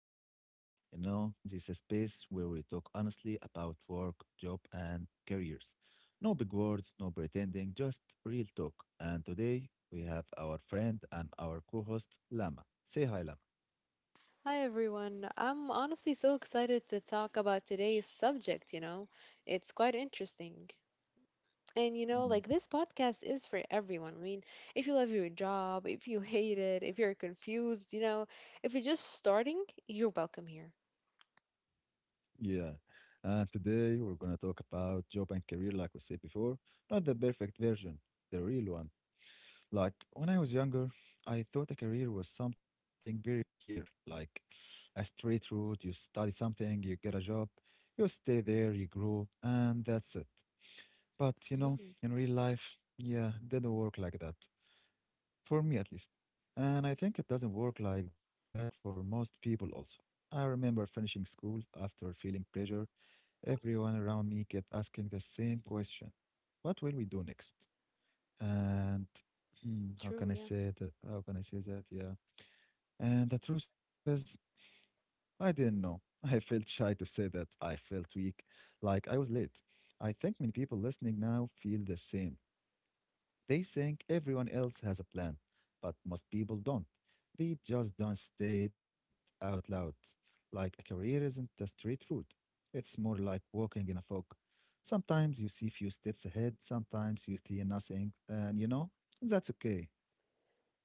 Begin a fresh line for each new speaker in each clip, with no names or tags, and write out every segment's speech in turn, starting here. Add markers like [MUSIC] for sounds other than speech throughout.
podcast. This is a space where we talk honestly about work, job, and careers. No big words, no pretending, just real talk. And today we have our friend and our co host, Lama. Say hi, Lama.
Hi everyone. I'm honestly so excited to talk about today's subject, It's quite interesting. And you know,
Mm.
like this podcast is for everyone. If you love your job, if you hate it, if you're confused, if you're just starting, you're welcome here.
Yeah. And today we're going to talk about job and career, like we said before, not the perfect version, the real one. Like when I was younger, I thought a career was something very clear, like a straight route. You study something, you get a job, you stay there, you grow, and that's it. But
Hmm.
in real life, yeah, it didn't work like that, for me at least. And I think it doesn't work like that for most people also. I remember finishing school after feeling pressure. Everyone around me kept asking the same question. What will we do next? And how
True,
can I
yeah.
say that? Yeah. And the truth is, I didn't know. [LAUGHS] I felt shy to say that. I felt weak, like I was late. I think many people listening now feel the same. They think everyone else has a plan, but most people don't. They just don't say it out loud. Like a career isn't a straight route. It's more like walking in a fog. Sometimes you see few steps ahead, sometimes you see nothing, and that's okay.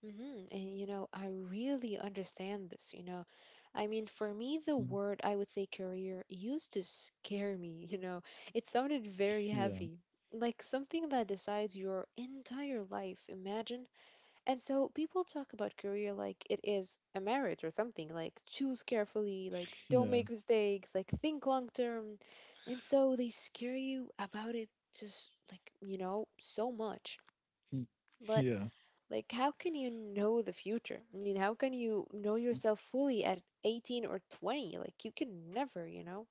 Hmm. I really understand this. For me, the word I would say career used to scare me. [LAUGHS] You know, it sounded very
Yeah.
heavy, like something that decides your entire life. Imagine. And so people talk about career like it is a marriage or something, like choose carefully, like
Yeah.
don't make mistakes, like think long term. And so they scare you about it just like, you know, so much. But
Yeah.
like, how can you know the future? I mean, how can you know yourself fully at 18 or 20? Like, you can never, you know?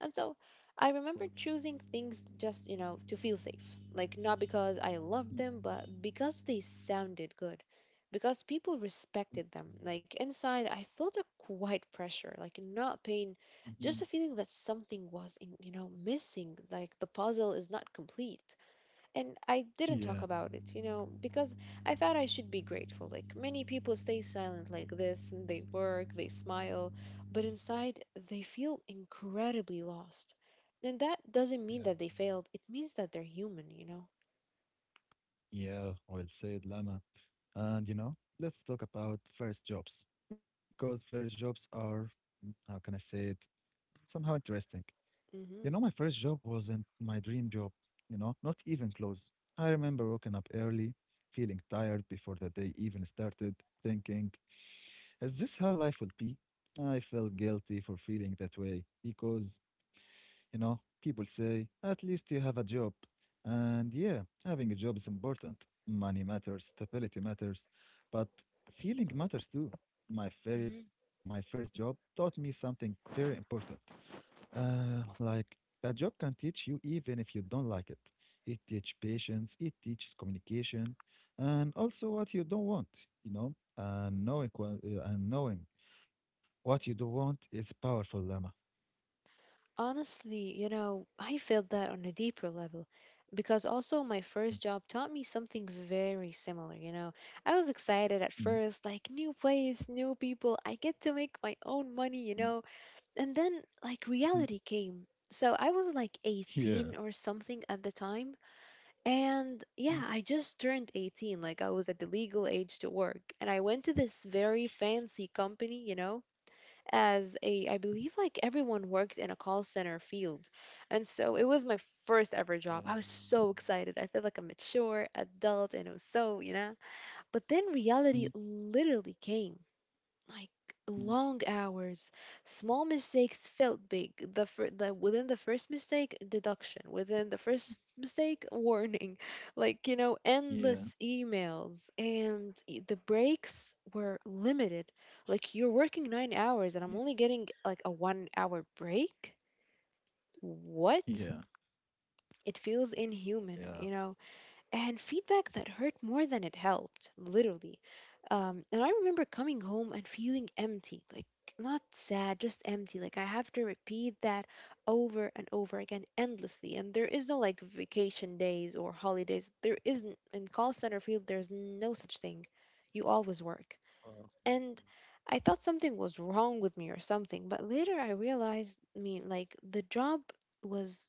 And so I remember choosing things just, you know, to feel safe. Like, not because I loved them, but because they sounded good. Because people respected them. Like, inside, I felt a quiet pressure, like, not pain, just a feeling that something was missing. Like, the puzzle is not complete and I didn't
Yeah.
talk
Yeah.
about it, you know, because I thought I should be grateful. Like many people stay silent like this and they work, they smile, but inside they feel incredibly lost. And that doesn't mean that they failed, it means that they're human, you know.
Yeah, well said, Lama. And let's talk about first jobs because first jobs are, how can I say it, somehow interesting. My
Hmm.
first job wasn't my dream job, not even close. I remember waking up early, feeling tired before the day even started, thinking, is this how life will be? I felt guilty for feeling that way because people say, at least you have a job. And yeah, having a job is important. Money matters, stability matters, but feeling matters too. My very,
Hmm.
my first job taught me something very important. Like a job can teach you even if you don't like it. It teaches patience, it teaches communication, and also what you don't want, and knowing, and knowing what you don't want is powerful, Lama.
Honestly, you know, I felt that on a deeper level because also my first job taught me something very similar, you know. I was excited at first,
Mhm.
like new place, new people, I get to make my own money, you know, and then like
Mhm.
reality came. So I was like 18
Yeah.
or something at the time. And yeah, I just turned 18. Like I was at the legal age to work. And I went to this very fancy company, you know, I believe like everyone worked in a call center field. And so it was my first ever job.
Yeah.
I was so excited. I felt like a mature adult and it was so, you know. But then reality
Mm.
literally came like
Mm.
long hours. Small mistakes felt big. The within the first mistake, deduction. Within the first mistake, warning. [LAUGHS] Like you know, endless
Yeah.
emails, and the breaks were limited. Like you're working 9 hours,
Yeah.
and I'm only getting like a 1 hour break. What?
Yeah.
It feels inhuman, you
Yeah.
know, and feedback that hurt more than it helped, literally. And I remember coming home and feeling empty, like not sad, just empty. Like I have to repeat that over and over again endlessly. And there is no like vacation days or holidays. There isn't in call center field. There's no such thing. You always work.
Uh,
And I thought something was wrong with me or something, but later I realized, like the job was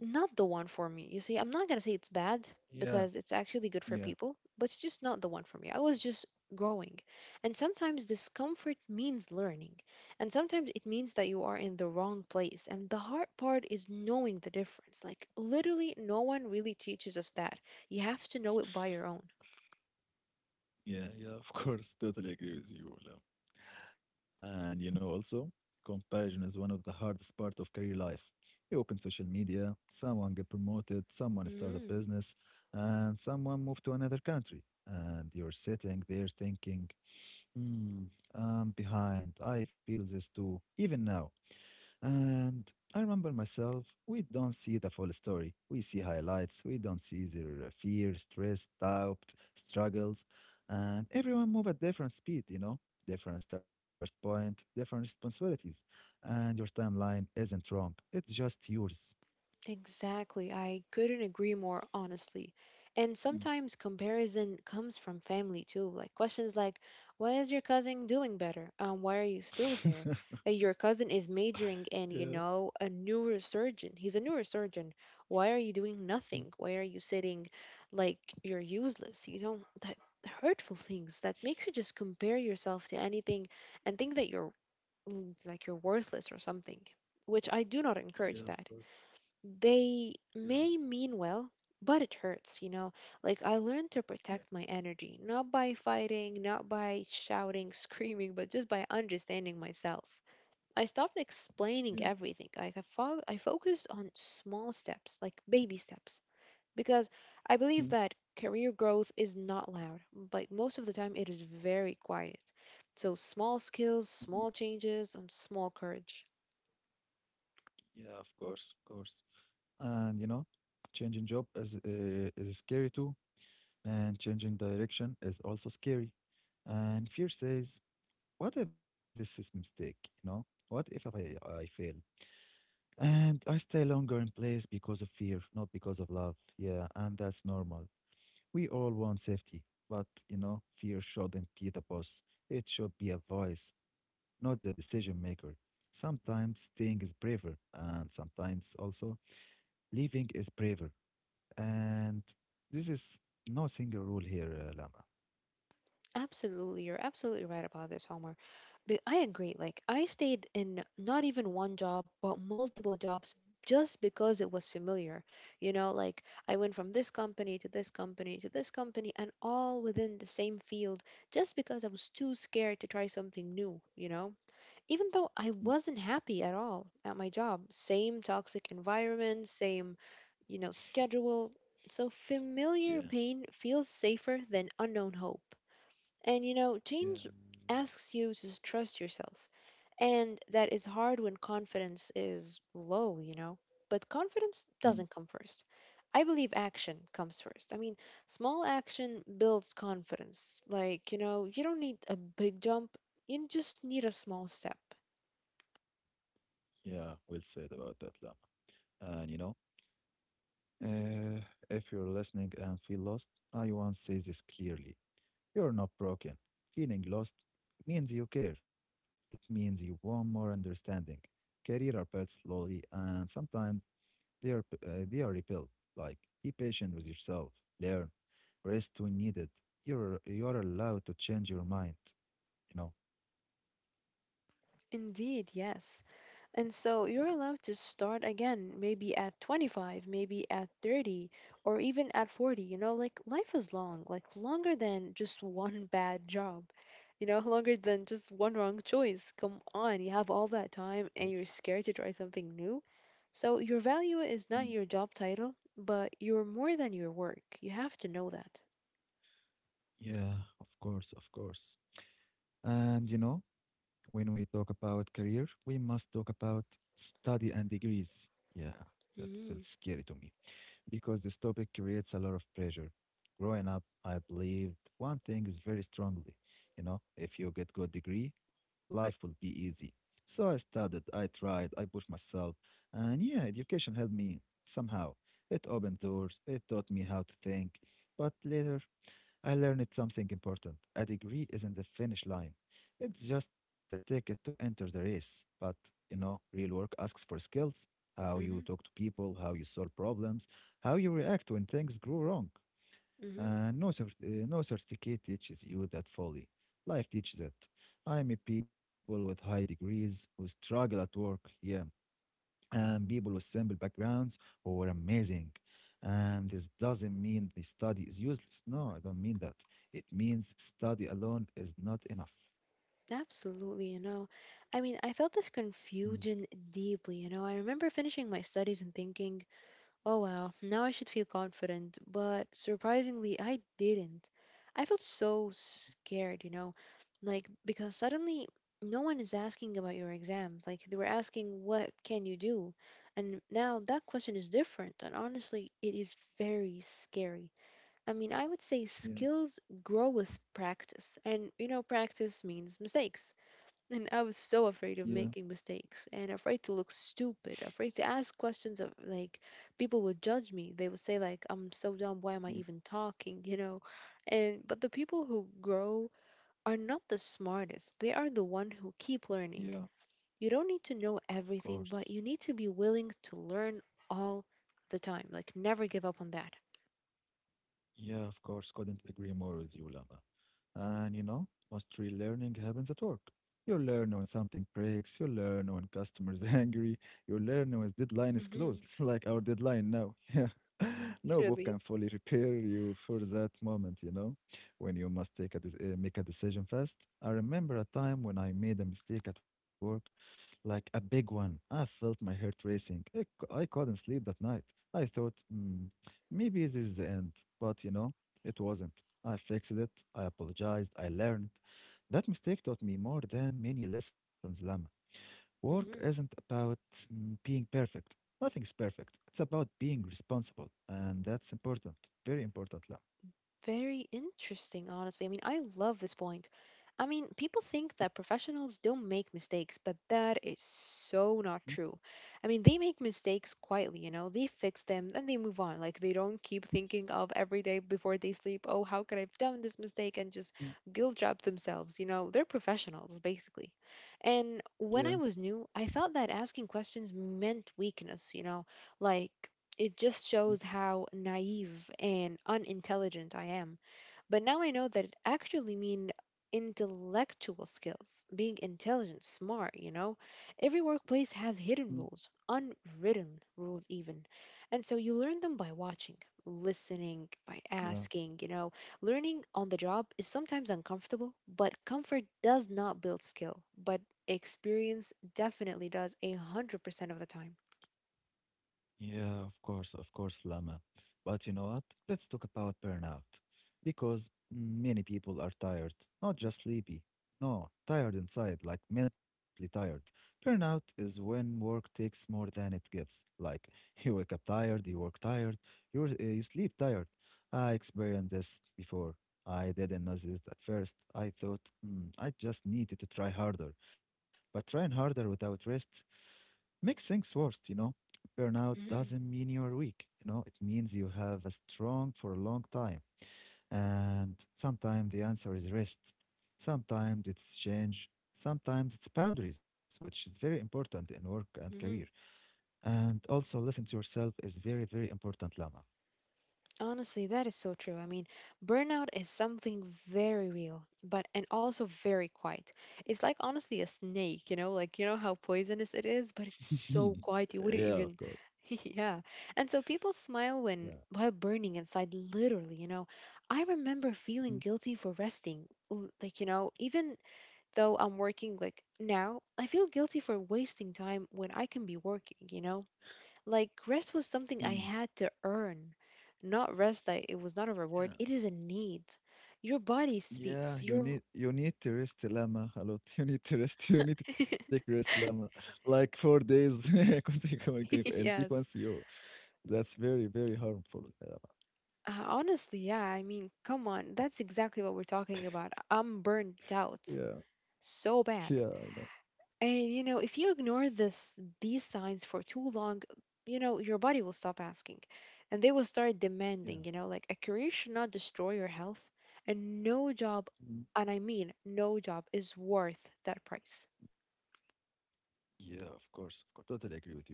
not the one for me. You see, I'm not going to say it's bad
yeah.
because it's actually good for
Yeah.
people, but it's just not the one for me. I was just growing. And sometimes discomfort means learning, and sometimes it means that you are in the wrong place. And the hard part is knowing the difference. Like, literally, no one really teaches us that. You have to know it by your own.
Yeah. Yeah. Of course. Totally agree with you, Olam. And also, comparison is one of the hardest part of career life. You open social media, someone get promoted, someone start a
Mhm.
business, and someone move to another country. And you're sitting there thinking, hmm, I'm behind. I feel this too, even now. And I remember myself, we don't see the full story. We see highlights, we don't see their fear, stress, doubt, struggles, and everyone move at different speed, different start point, different responsibilities. And your timeline isn't wrong. It's just yours.
Exactly. I couldn't agree more, honestly. And
Mm.
sometimes comparison comes from family too, like questions like, why is your cousin doing better? Why are you still
[LAUGHS]
there? Your cousin is majoring in, you
Yeah.
know, a neurosurgeon. He's a neurosurgeon. Why are you doing
Mm.
nothing? Why are you sitting like you're useless? You know, that hurtful things that makes you just compare yourself to anything and think that you're like you're worthless or something, which I do not encourage that. They may mean well, but it hurts, you know. Like, I learned to
Yeah.
protect my energy, not by fighting, not by shouting, [LAUGHS] screaming, but just by understanding myself. I stopped
Yeah.
explaining everything. Like, I focused on small steps, like baby steps, because I
Mm.
believe that career growth is not loud. Like, most of the time, it is very quiet. So, small
Mhm.
skills, small changes, and small courage.
Yeah, of course, of course. And changing job is scary too. And changing direction is also scary. And fear says, what if this is mistake? What if I fail? And I stay longer in place because of fear, not because of love. Yeah, and that's normal. We all want safety, but fear shouldn't be the boss. It should be a voice, not the decision maker. Sometimes staying is braver, and sometimes also leaving is braver. And this is no single rule here, Lama.
Absolutely, you're absolutely right about this, Homer. But I agree. Like I stayed in not even one job, but multiple jobs just because it was familiar. You know, like I went from this company to this company to this company and all within the same field just because I was too scared to try something new, you know? Even though I wasn't happy at all at my job, same toxic environment, same, you know, schedule. So familiar
Yeah.
pain feels safer than unknown hope. And you know,
Yeah.
change asks you to trust yourself. And that is hard when confidence is low, you know. But confidence
Mm.
doesn't come first. I believe action comes first. I mean, small action builds confidence. Like, you know, you don't need a big jump, you just need a small step.
Yeah, well said about that, Lama. And uh, if you're listening and feel lost, I want to say this clearly. You're not broken. Feeling lost means you care. It means you want more understanding. Career are built slowly, and sometimes they are they are rebuilt. Like, be patient with yourself. Learn. Rest when needed. You are allowed to change your mind. You know.
Indeed, yes. And so you're allowed to start again, maybe at 25, maybe at 30, or even at 40. You know, like life is long, like longer than just [LAUGHS] one bad job, you know, longer than just one wrong choice. Come on, you have all that
Of course.
time and you're scared to try something new. So your value is not your job title, but you're more than your work. You have to know that.
Yeah, of course, of course. And when we talk about career, we must talk about study and degrees. Yeah, that feels
Mm-hmm.
scary to me because this topic creates a lot of pressure. Growing up, I believed one thing is very strongly, if you get good degree, life will be easy. So I studied, I tried, I pushed myself, and yeah, education helped me somehow. It opened doors, it taught me how to think, but later I learned something important. A degree isn't the finish line. It's just a ticket to enter the race. But, real work asks for skills, how you talk to people, how you solve problems, how you react when things go wrong.
Mm-hmm.
And no, no certificate teaches you that fully. Life teaches it. I meet people with high degrees who struggle at work. Yeah, and people with simple backgrounds who were amazing. And this doesn't mean the study is useless. No, I don't mean that. It means study alone is not enough.
Absolutely, you know. I mean, I felt this
Mm.
confusion deeply, you know. I remember finishing my studies and thinking, oh wow, now I should feel confident, but surprisingly, I didn't. I felt so scared, you know, like because suddenly no one is asking about your exams. Like they were asking, what can you do? And now that question is different, and honestly, it is very scary. I mean, I would say
Yeah,
skills grow with practice, and you know, practice means mistakes. And I was so
yeah,
afraid of making mistakes and afraid to look stupid, afraid to ask questions of like people would judge me. They would say like I'm so dumb, why
yeah,
am I even talking, you know? And but the people who grow are not the smartest. They are the one who keep
yeah,
learning. You don't need to know
of course.
everything, but you need to be willing to learn all the time. Like never give up on that.
Yeah, of course, couldn't agree more with you, Lama. And most real learning happens at work. You learn when something breaks, you learn when customers [LAUGHS] are angry, you learn when deadline is closed,
Mhm.
[LAUGHS] like our deadline now. [LAUGHS] Yeah.
[LAUGHS]
No book
Literally.
can fully prepare you for that moment, when you must make a decision fast. I remember a time when I made a mistake at work like a big one. I felt my heart racing. I couldn't sleep that night. I thought, maybe this is the end." But it wasn't. I fixed it. I apologized. I learned. That mistake taught me more than many lessons, Lama. Work isn't
Mhm.
about being perfect. Nothing's perfect. It's about being responsible. And that's important. Very important, Lama.
Very interesting, honestly. I mean, I love this point. I mean, people think that professionals don't make mistakes, but that is
Mm.
so not true. I mean, they make mistakes quietly, you know, they fix them and they move on. Like, they don't keep thinking of every day before they sleep, oh, how could I have done this mistake and just
Mm.
guilt trap themselves. You know, they're professionals, basically. And
Yeah.
when I was new, I thought that asking questions meant weakness, you know, like, it just
Mm.
shows how naive and unintelligent I am. But now I know that it actually mean intellectual skills, being intelligent, smart, you know. Every workplace has
Mm.
hidden rules, unwritten rules even. And so you learn them by watching, listening, by
Yeah.
asking, you know. Learning on the job is sometimes uncomfortable, but comfort does not build skill, but experience definitely does a 100% of the time.
Yeah, of course, Lama. But you know what? Let's talk about burnout. Because many people are tired, not just sleepy. No, tired inside, like mentally tired. Burnout is when work takes more than it gives. Like [LAUGHS] you wake up tired, you work tired, you sleep tired. I experienced this before. I didn't notice it at first. I thought, I just needed to try harder," but trying harder without rest makes things worse, you know. Burnout
Mm-hmm.
doesn't mean you're weak, it means you have a strong for a long time. And sometimes the answer is rest, sometimes it's change, sometimes it's boundaries, which is very important in work and career. And also, listen to yourself is very, very important, Lama.
Honestly, that is so true. I mean, burnout is something very real, but and also very quiet. It's like honestly a snake, you know, like you know how poisonous it is, but
[LAUGHS]
it's so quiet you
Yeah,
wouldn't
of course.
even [LAUGHS] yeah. And so people smile
Yeah.
when while burning inside literally, you know. I remember feeling guilty for resting. Like, you know, even though I'm working like now, I feel guilty for wasting time when I can be working, you know. Like rest was something
Mhm.
I had to earn. Not rest that it was not a
Yeah.
reward, it is a need. Your body
Yeah,
speaks.
you
Your
need you need to rest, Lama, a lot. [LAUGHS] You need to rest. [LAUGHS] You need to take
[LAUGHS]
rest, Lama, like 4 days [LAUGHS] in
Yes.
sequence. You That's very very harmful, Lama.
Honestly, yeah. I mean, come on. That's exactly what we're talking about. I'm burnt out
Yeah,
so bad.
yeah, I know.
And you know, if you ignore this these signs for too long, you know, your body will stop asking and they will start
Yeah.
demanding, you know, like a career should not destroy your health and no job,
Mm.
and I mean no job is worth that price.
Yeah. Of course, of course. Totally agree with you, Lama.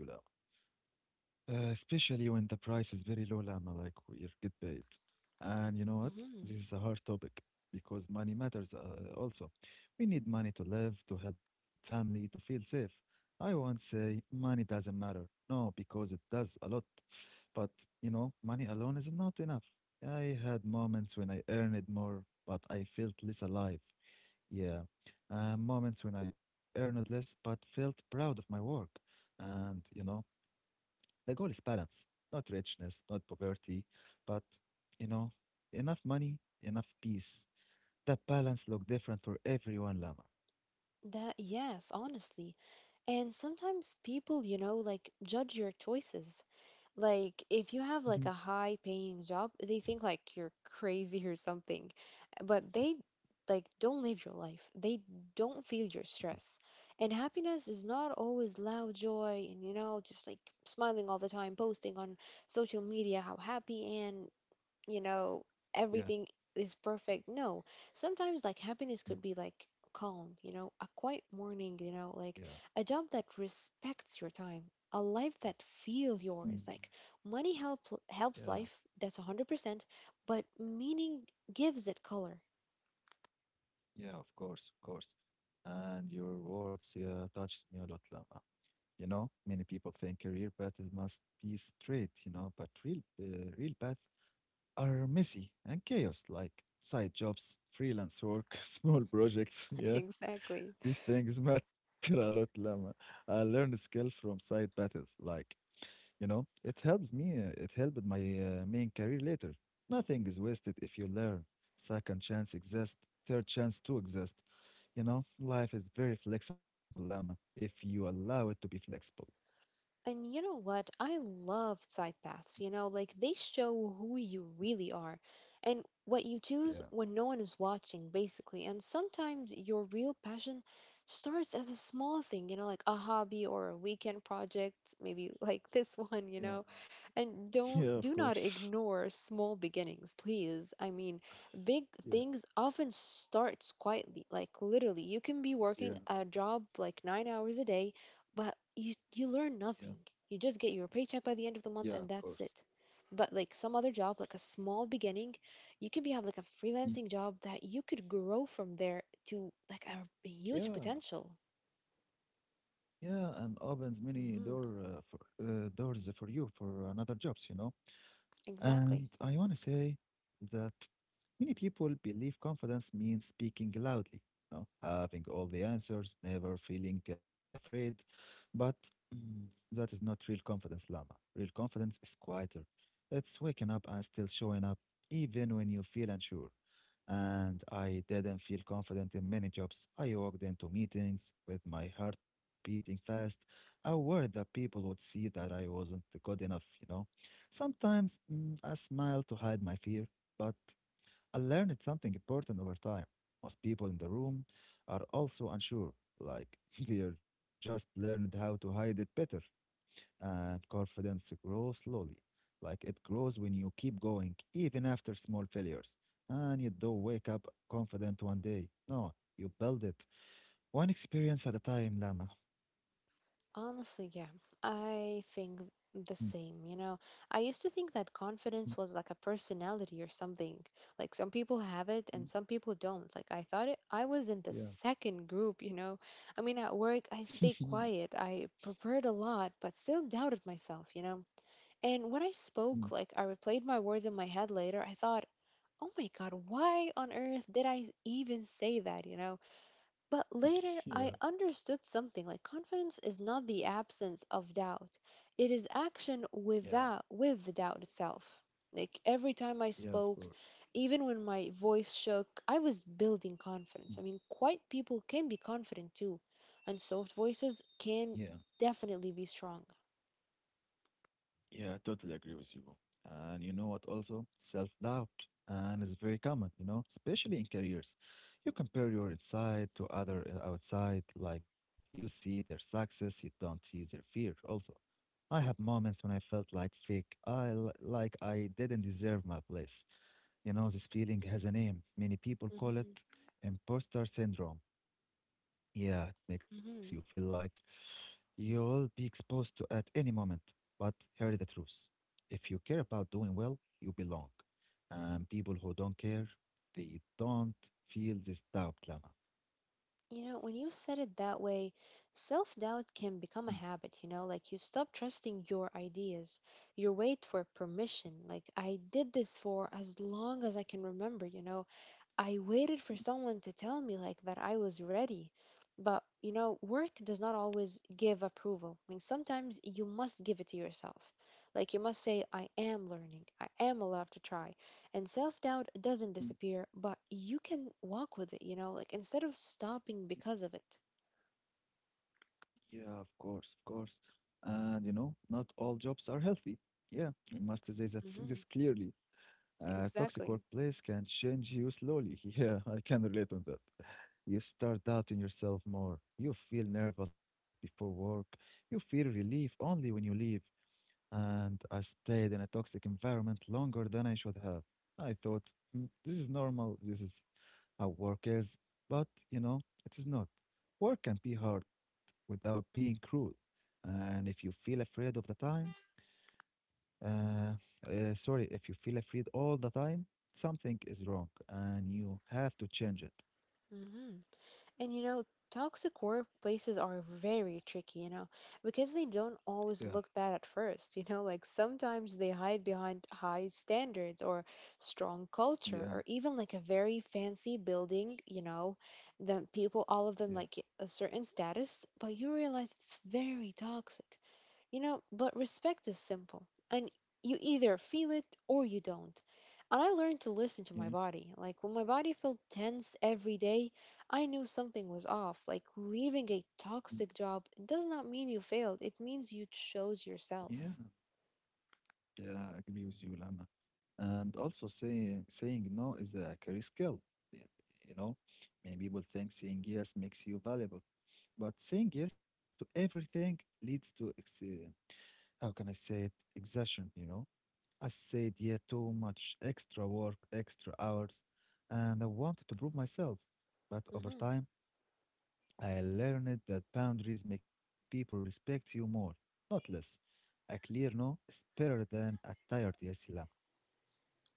Especially when the price is very low, Lama, like we get paid. And you know what?
Hmm.
This is a hard topic because money matters also. We need money to live, to help family, to feel safe. I won't say money doesn't matter. No, because it does a lot. But, money alone is not enough. I had moments when I earned more, but I felt less alive. Yeah. Moments when I earned less, but felt proud of my work. And, the goal is balance, not richness, not poverty, but, you know, enough money, enough peace. That balance look different for everyone, Lama.
That yes, honestly. And sometimes people, you know, like judge your choices. Like if you have
Mhm.
like a high paying job, they think like you're crazy or something. But they like don't live your life. They don't feel your stress. And happiness is not always loud joy and you know just like smiling all the time, posting on social media how happy and you know,
Yeah.
everything is perfect. No, sometimes like happiness
Mm.
could be like calm, you know, a quiet morning, you know,
Yeah.
like a job that respects your time, a life that feel
Mm.
yours. Like money help
Yeah,
helps life, that's 100%, but meaning gives it color.
yeah, of course, of course. And your words, yeah, touches me a lot, Lama. Many people think career path is must be straight, but real path are messy and chaos, like side jobs, freelance work, [LAUGHS] small projects,
[LAUGHS]
yeah.
Exactly.
These things [LAUGHS] matter a lot, Lama. I learned skill from side battles. Like, it helps me. It helped my main career later. Nothing is wasted if you learn. Second chance exists. Third chance to exist. Life is very flexible, Lama, if you allow it to be flexible.
And you know what? I love side paths, you know, like they show who you really are and what you choose when
Yeah,
no one is watching, basically. And sometimes your real passion starts as a small thing, you know, like a hobby or a weekend project, maybe [LAUGHS] like this one, you know.
yeah,
And don't
[LAUGHS] yeah,
do
of
not
course.
ignore small beginnings, please. I mean, big things
Yeah,
often starts quietly, like literally. You can be working a
yeah,
job like 9 hours a day but you learn
yeah,
nothing. You just get your paycheck by the end of the month
yeah,
and
of
that's
course.
it. But like some other job, like a small beginning, you could be have like a freelancing
Mm.
job that you could grow from there to like a huge
Yeah,
potential.
yeah, and opens many
hmm
doors for you for another jobs, you know.
Exactly.
And I want to say that many people believe confidence means speaking loudly, having all the answers, never feeling afraid. But mm, that is not real confidence, Lama. Real confidence is quieter. It's waking up and still showing up, even when you feel unsure. And I didn't feel confident in many jobs. I walked into meetings with my heart beating fast. I worried that people would see that I wasn't good enough, you know. Sometimes I smile to hide my fear, but I learned something important over time. Most people in the room are also unsure, like [LAUGHS] they are just learned how to hide it better. And confidence grows slowly, like it grows when you keep going, even after small failures. And you don't wake up confident one day. No, you build it one experience at a time, Lama.
Honestly, yeah, I think
Mm,
the same. You know, I used to think that
mm,
confidence was like a personality or something. Like some people have it
mm.
and some people don't. Like I thought it, I was in the
Yeah.
second group, you know. I mean, at work, I
[LAUGHS]
stayed quiet, I prepared a lot, but still doubted myself, you know. And when I
Mm.
spoke, like I replayed my words in my head later, I thought, oh my God, why on earth did I even say that, you know? But later, I
Yeah.
understood something like confidence is not the absence of doubt, it is action
Yeah.
without, with the doubt itself. Like every time I
Yeah, of
spoke,
course.
even when my voice shook, I was building
Mm.
confidence. I mean, quiet people can be confident too, and soft voices
Yeah,
can definitely be strong.
yeah, I totally agree with you. And you know what also? Self-doubt. And it's very common, you know, especially in careers. You compare your inside to other outside, like you see their success, you don't see their fear also. I have moments when I felt like fake, like I didn't deserve my place. You know, this feeling has a name. Many people call it
hmm
imposter syndrome. Yeah, it makes you feel
hmm
like you'll be exposed to at any moment. But hear the truth. If you care about doing well, you belong. And people who don't care, they don't feel this doubt, Lama.
You know, when you said it that way, self doubt can become a habit, you know, like you stop trusting your ideas, you wait for permission. Like, I did this for as long as I can remember, you know, I waited for someone to tell me like that I was ready. But you know, work does not always give approval. I mean, sometimes you must give it to yourself. Like you must say, I am learning, I am allowed to try. And self doubt doesn't disappear, but you can walk with it, you know, like instead of stopping because of it.
Yeah, of course, of course. And you know, not all jobs are healthy. Yeah, we must say that this
hmm
clearly. A toxic
Exactly.
workplace can change you slowly. [LAUGHS] Yeah, I can relate on that. You start doubting yourself more. You feel nervous before work. You feel relief only when you leave. And I stayed in a toxic environment longer than I should have. I thought, "Hmm, this is normal, this is how work is," but you know, it is not. Work can be hard without being cruel. And if you feel afraid of the time, uh, sorry, if you feel afraid all the time, something is wrong and you have to change it.
hmm And you know, toxic workplaces are very tricky, you know, because they don't
Yeah,
always look bad at first, you know, like sometimes they hide behind high standards or strong culture
yeah,
or even like a very fancy building, you know, that people, all of them
yeah,
like a certain status, but you realize it's very toxic. You know, but respect is simple, and you either feel it or you don't. And I learned to listen
yeah,
to my body. Like when my body felt tense every day, I knew something was off. Like leaving a
mm,
toxic job does not mean you failed, it means you chose
yeah,
yourself.
yeah. I agree with you, Lama. And also saying no is a career skill. y- You know, many people think saying yes makes you valuable, but saying yes to everything leads to how can I say it? Exhaustion. You know, I said yeah too much, extra work, extra hours, and I wanted to prove myself. But over
hmm
time, I learned that boundaries make people respect you more, not less. A clear no is better than a tired yes, Ilham.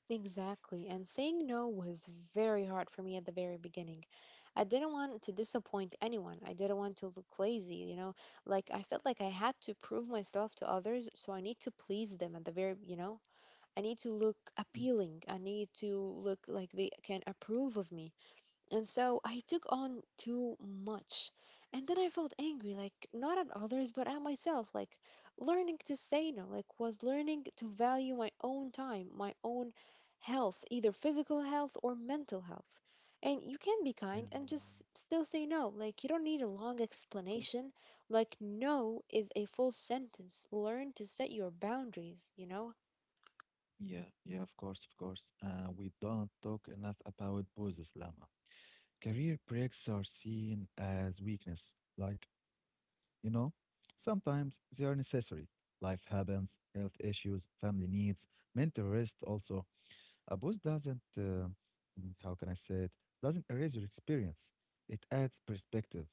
Exactly. And saying no was very hard for me at the very beginning. I didn't want to disappoint anyone. I didn't want to look lazy, you know? Like I felt like I had to prove myself to others, so I need to please them at the very, you know? I need to look
Mm.
appealing. I need to look like they can approve of me. And so I took on too much. And then I felt angry, like not at others, but at myself. Like learning to say no, like was learning to value my own time, my own health, either physical health or mental health. And you can be
Yeah.
kind and just still say no. Like you don't need a long explanation. Like no is a full sentence. Learn to set your boundaries, you know?
Yeah, yeah, of course, of course. We don't talk enough about pauses, Lama. Career breaks are seen as weakness. Like, you know, sometimes they are necessary. Life happens, health issues, family needs, mental rest also. A pause doesn't. How can I say it, doesn't erase your experience. It adds perspective.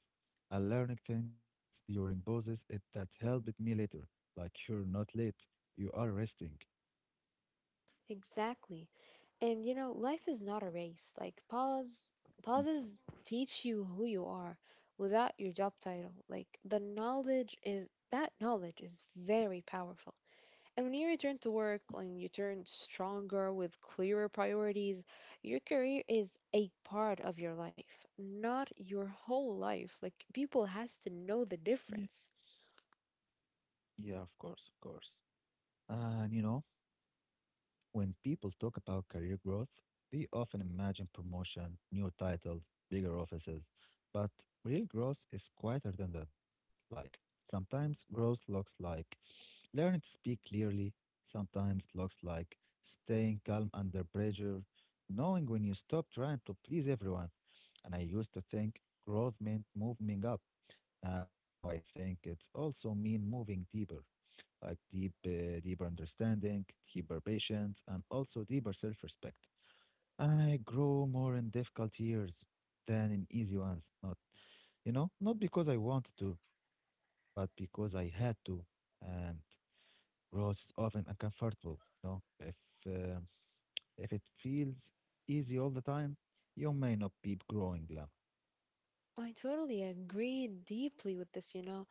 I learned things during pauses it, that helped me later. Like, you're not late, you are resting.
Exactly. And you know, life is not a race. Like pauses teach you who you are without your job title. Like the knowledge is that knowledge is very powerful. And when you return to work and you turn stronger with clearer priorities, your career is a part of your life, not your whole life. Like people has to know the difference.
Yeah, of course, of course. And you know, when people talk about career growth, they often imagine promotion, new titles, bigger offices. But real growth is quieter than that. Like, sometimes growth looks like learning to speak clearly, sometimes looks like staying calm under pressure, knowing when you stop trying to please everyone. And I used to think growth meant moving up. Now I think it's also mean moving deeper like deeper understanding, deeper patience, and also deeper self-respect. And I grow more in difficult years than in easy ones. Not, you know, not because I wanted to, but because I had to. And growth is often uncomfortable. You know, uh, if it feels easy all the time, you may not be growing, Lama.
I totally agree deeply with this, you know.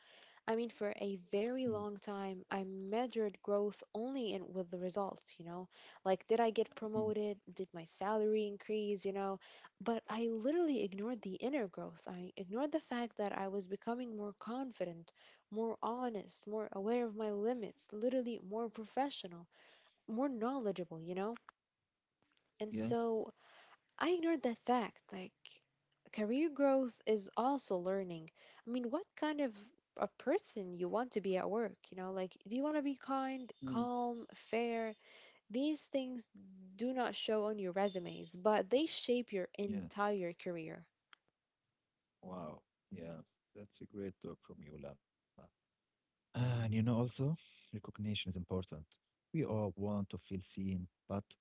I mean, for a
Mm,
very long time, I measured growth only in with the results, you know? Like, did I get
mm.
promoted? Did my salary increase, you know? But I literally ignored the inner growth. I ignored the fact that I was becoming more confident, more honest, more aware of my limits, literally more professional, more knowledgeable, you know? And
Yeah.
so I ignored that fact. Like, career growth is also learning. I mean, what kind of a person you want to be at work? You know, like, do you want to be kind,
Mm.
calm, fair? These things do not show on your resumes, but they shape your
Yeah.
entire career.
Wow. Yeah. That's a great talk from you, Lama. And you know, also, recognition is important. We all want to feel seen, but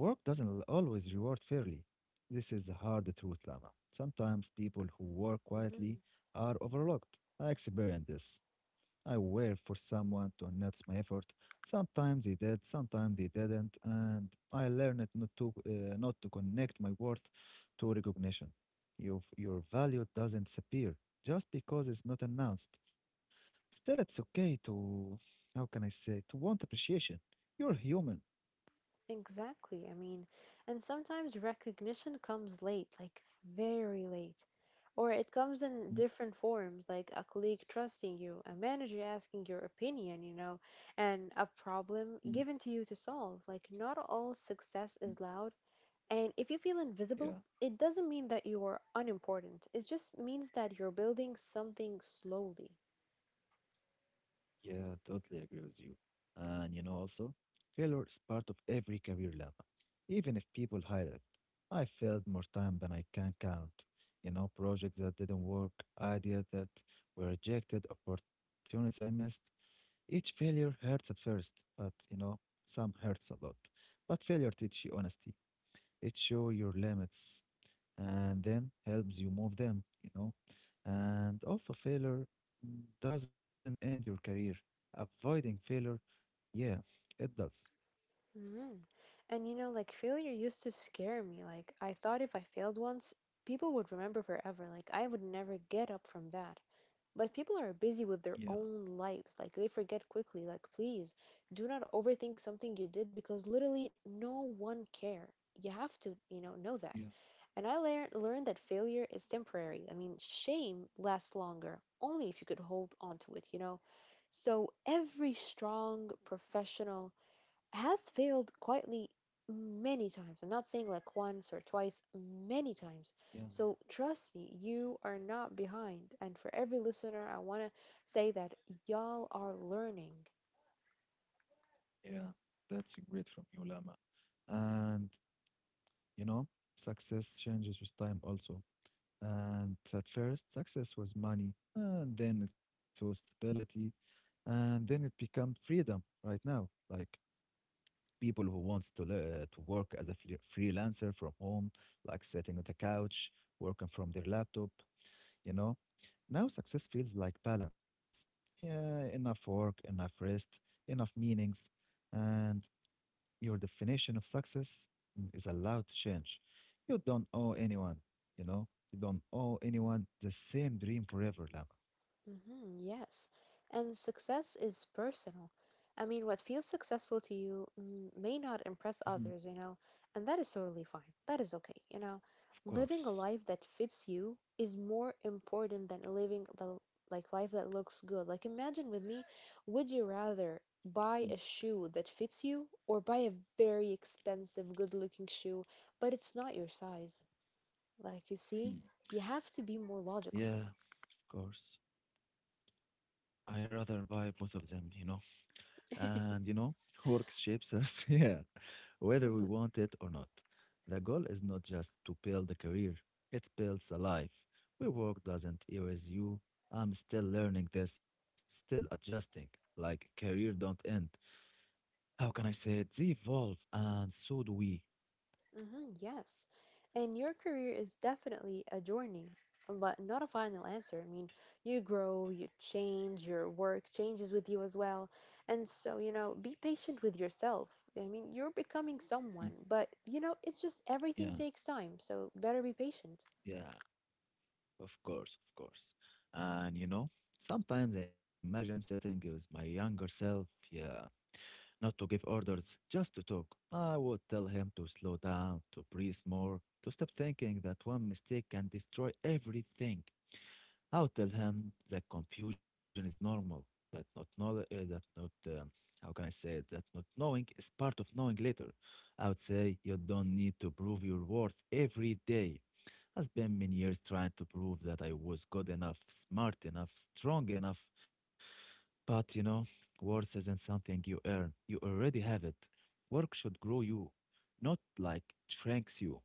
work doesn't always reward fairly. This is the hard truth, Lama. Sometimes people who work quietly
Mhm.
are overlooked. I experienced this. I waited for someone to notice my effort. Sometimes they did, sometimes they didn't, and I learned not to connect my worth to recognition. Your value doesn't disappear just because it's not announced. Still, it's okay to, how can I say, to want appreciation. You're human.
Exactly. I mean, and sometimes recognition comes late, like very late, or it comes in
Mm.
different forms, like a colleague trusting you, a manager asking your opinion, you know, and a problem given to you to solve. Like, not all success is loud. And if you feel
Yeah,
invisible, it doesn't mean that you are unimportant. It just means that you're building something slowly.
yeah, totally agree with you. And you know, also, failure is part of every career lab, even if people hide it. I failed more time than I can count. You know, projects that didn't work, ideas that were rejected, opportunities I missed. Each failure hurts at first, but you know, some hurts a lot. But failure teach you honesty. It show your limits, and then helps you move them, you know. And also, failure doesn't end your career. Avoiding failure, yeah, it does.
Mm. And you know, like failure used to scare me. Like I thought if I failed once, people would remember forever. Like I would never get up from that. But people are busy
Yeah,
with their own lives. Like they forget quickly. Like please, do not overthink something you did because literally no one care. You have to, you know that.
yeah,
And I learned that failure is temporary. I mean, shame lasts longer, only if you could hold on to it, you know? So every strong professional has failed quietly many times. I'm not saying like once or twice, many times.
yeah,
So trust me, you are not behind. And for every listener, I want to say that y'all are learning.
yeah. That's great from you, Lama. And you know, success changes with time also. And at first, success was money, and then it was stability, and then it became freedom right now. Like people who wants to to work as a freelancer from home, like sitting on the couch, working from their laptop, you know. Now success feels like balance. Yeah, enough work, enough rest, enough meanings, and your definition of success is allowed to change. You don't owe anyone, you know. You don't owe anyone the same dream forever, Lama.
Yes. And success is personal. I mean, what feels successful to you may not impress
Mhm.
others, you know, and that is totally fine. That is okay, you know.
Of
Living a
course.
life that fits you is more important than living the like life that looks good. Like imagine with me, would you rather buy a shoe that fits you or buy a very expensive, good-looking shoe, but it's not your size? Like you see,
Mhm.
you have to be more logical.
Yeah, of course. I rather buy both of them, you know. And you know, [LAUGHS] work shapes us, [LAUGHS] yeah, whether we
[LAUGHS]
want it or not. The goal is not just to build a career, it builds a life. Where work doesn't erase you. I'm still learning this, still adjusting. Like career don't end. How can I say it? They evolve, and so do we.
Yes. And your career is definitely a journey, but not a final answer. I mean, you grow, you change, your work changes with you as well. And so, you know, be patient with yourself. I mean, you're becoming
Mm.
someone, but, you know, it's just
Yeah,
everything takes time, so better be patient.
yeah, of course, of course. And you know, sometimes I imagine sitting with my younger self. Yeah, not to give orders, just to talk. I would tell him to slow down, to breathe more, to stop thinking that one mistake can destroy everything. I would tell him that confusion is normal, that not knowledge, that not, how can I say it, that not knowing is part of knowing later. I would say you don't need to prove your worth every day. I spent many years trying to prove that I was good enough, smart enough, strong enough, but you know, worth isn't something you earn. You already have it. Work should grow you, not like shrinks you.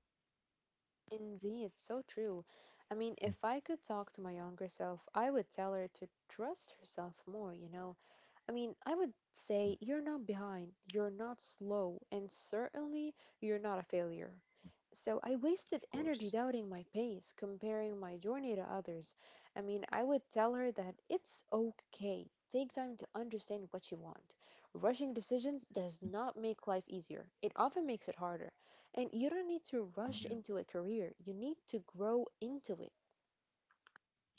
Indeed, so true. I mean,
Mm,
if I could talk to my younger self, I would tell her to trust herself more, you know, I mean, I would
mm.
say you're not behind, you're not slow, and certainly you're not a failure. So I
Of
wasted
course.
energy doubting my pace, comparing my journey to others. I mean, I would tell her that it's okay. Take time to understand what you want. Rushing decisions does not make life easier, it often makes it harder. And you don't need to rush
Yeah.
into a career, you need to grow into it.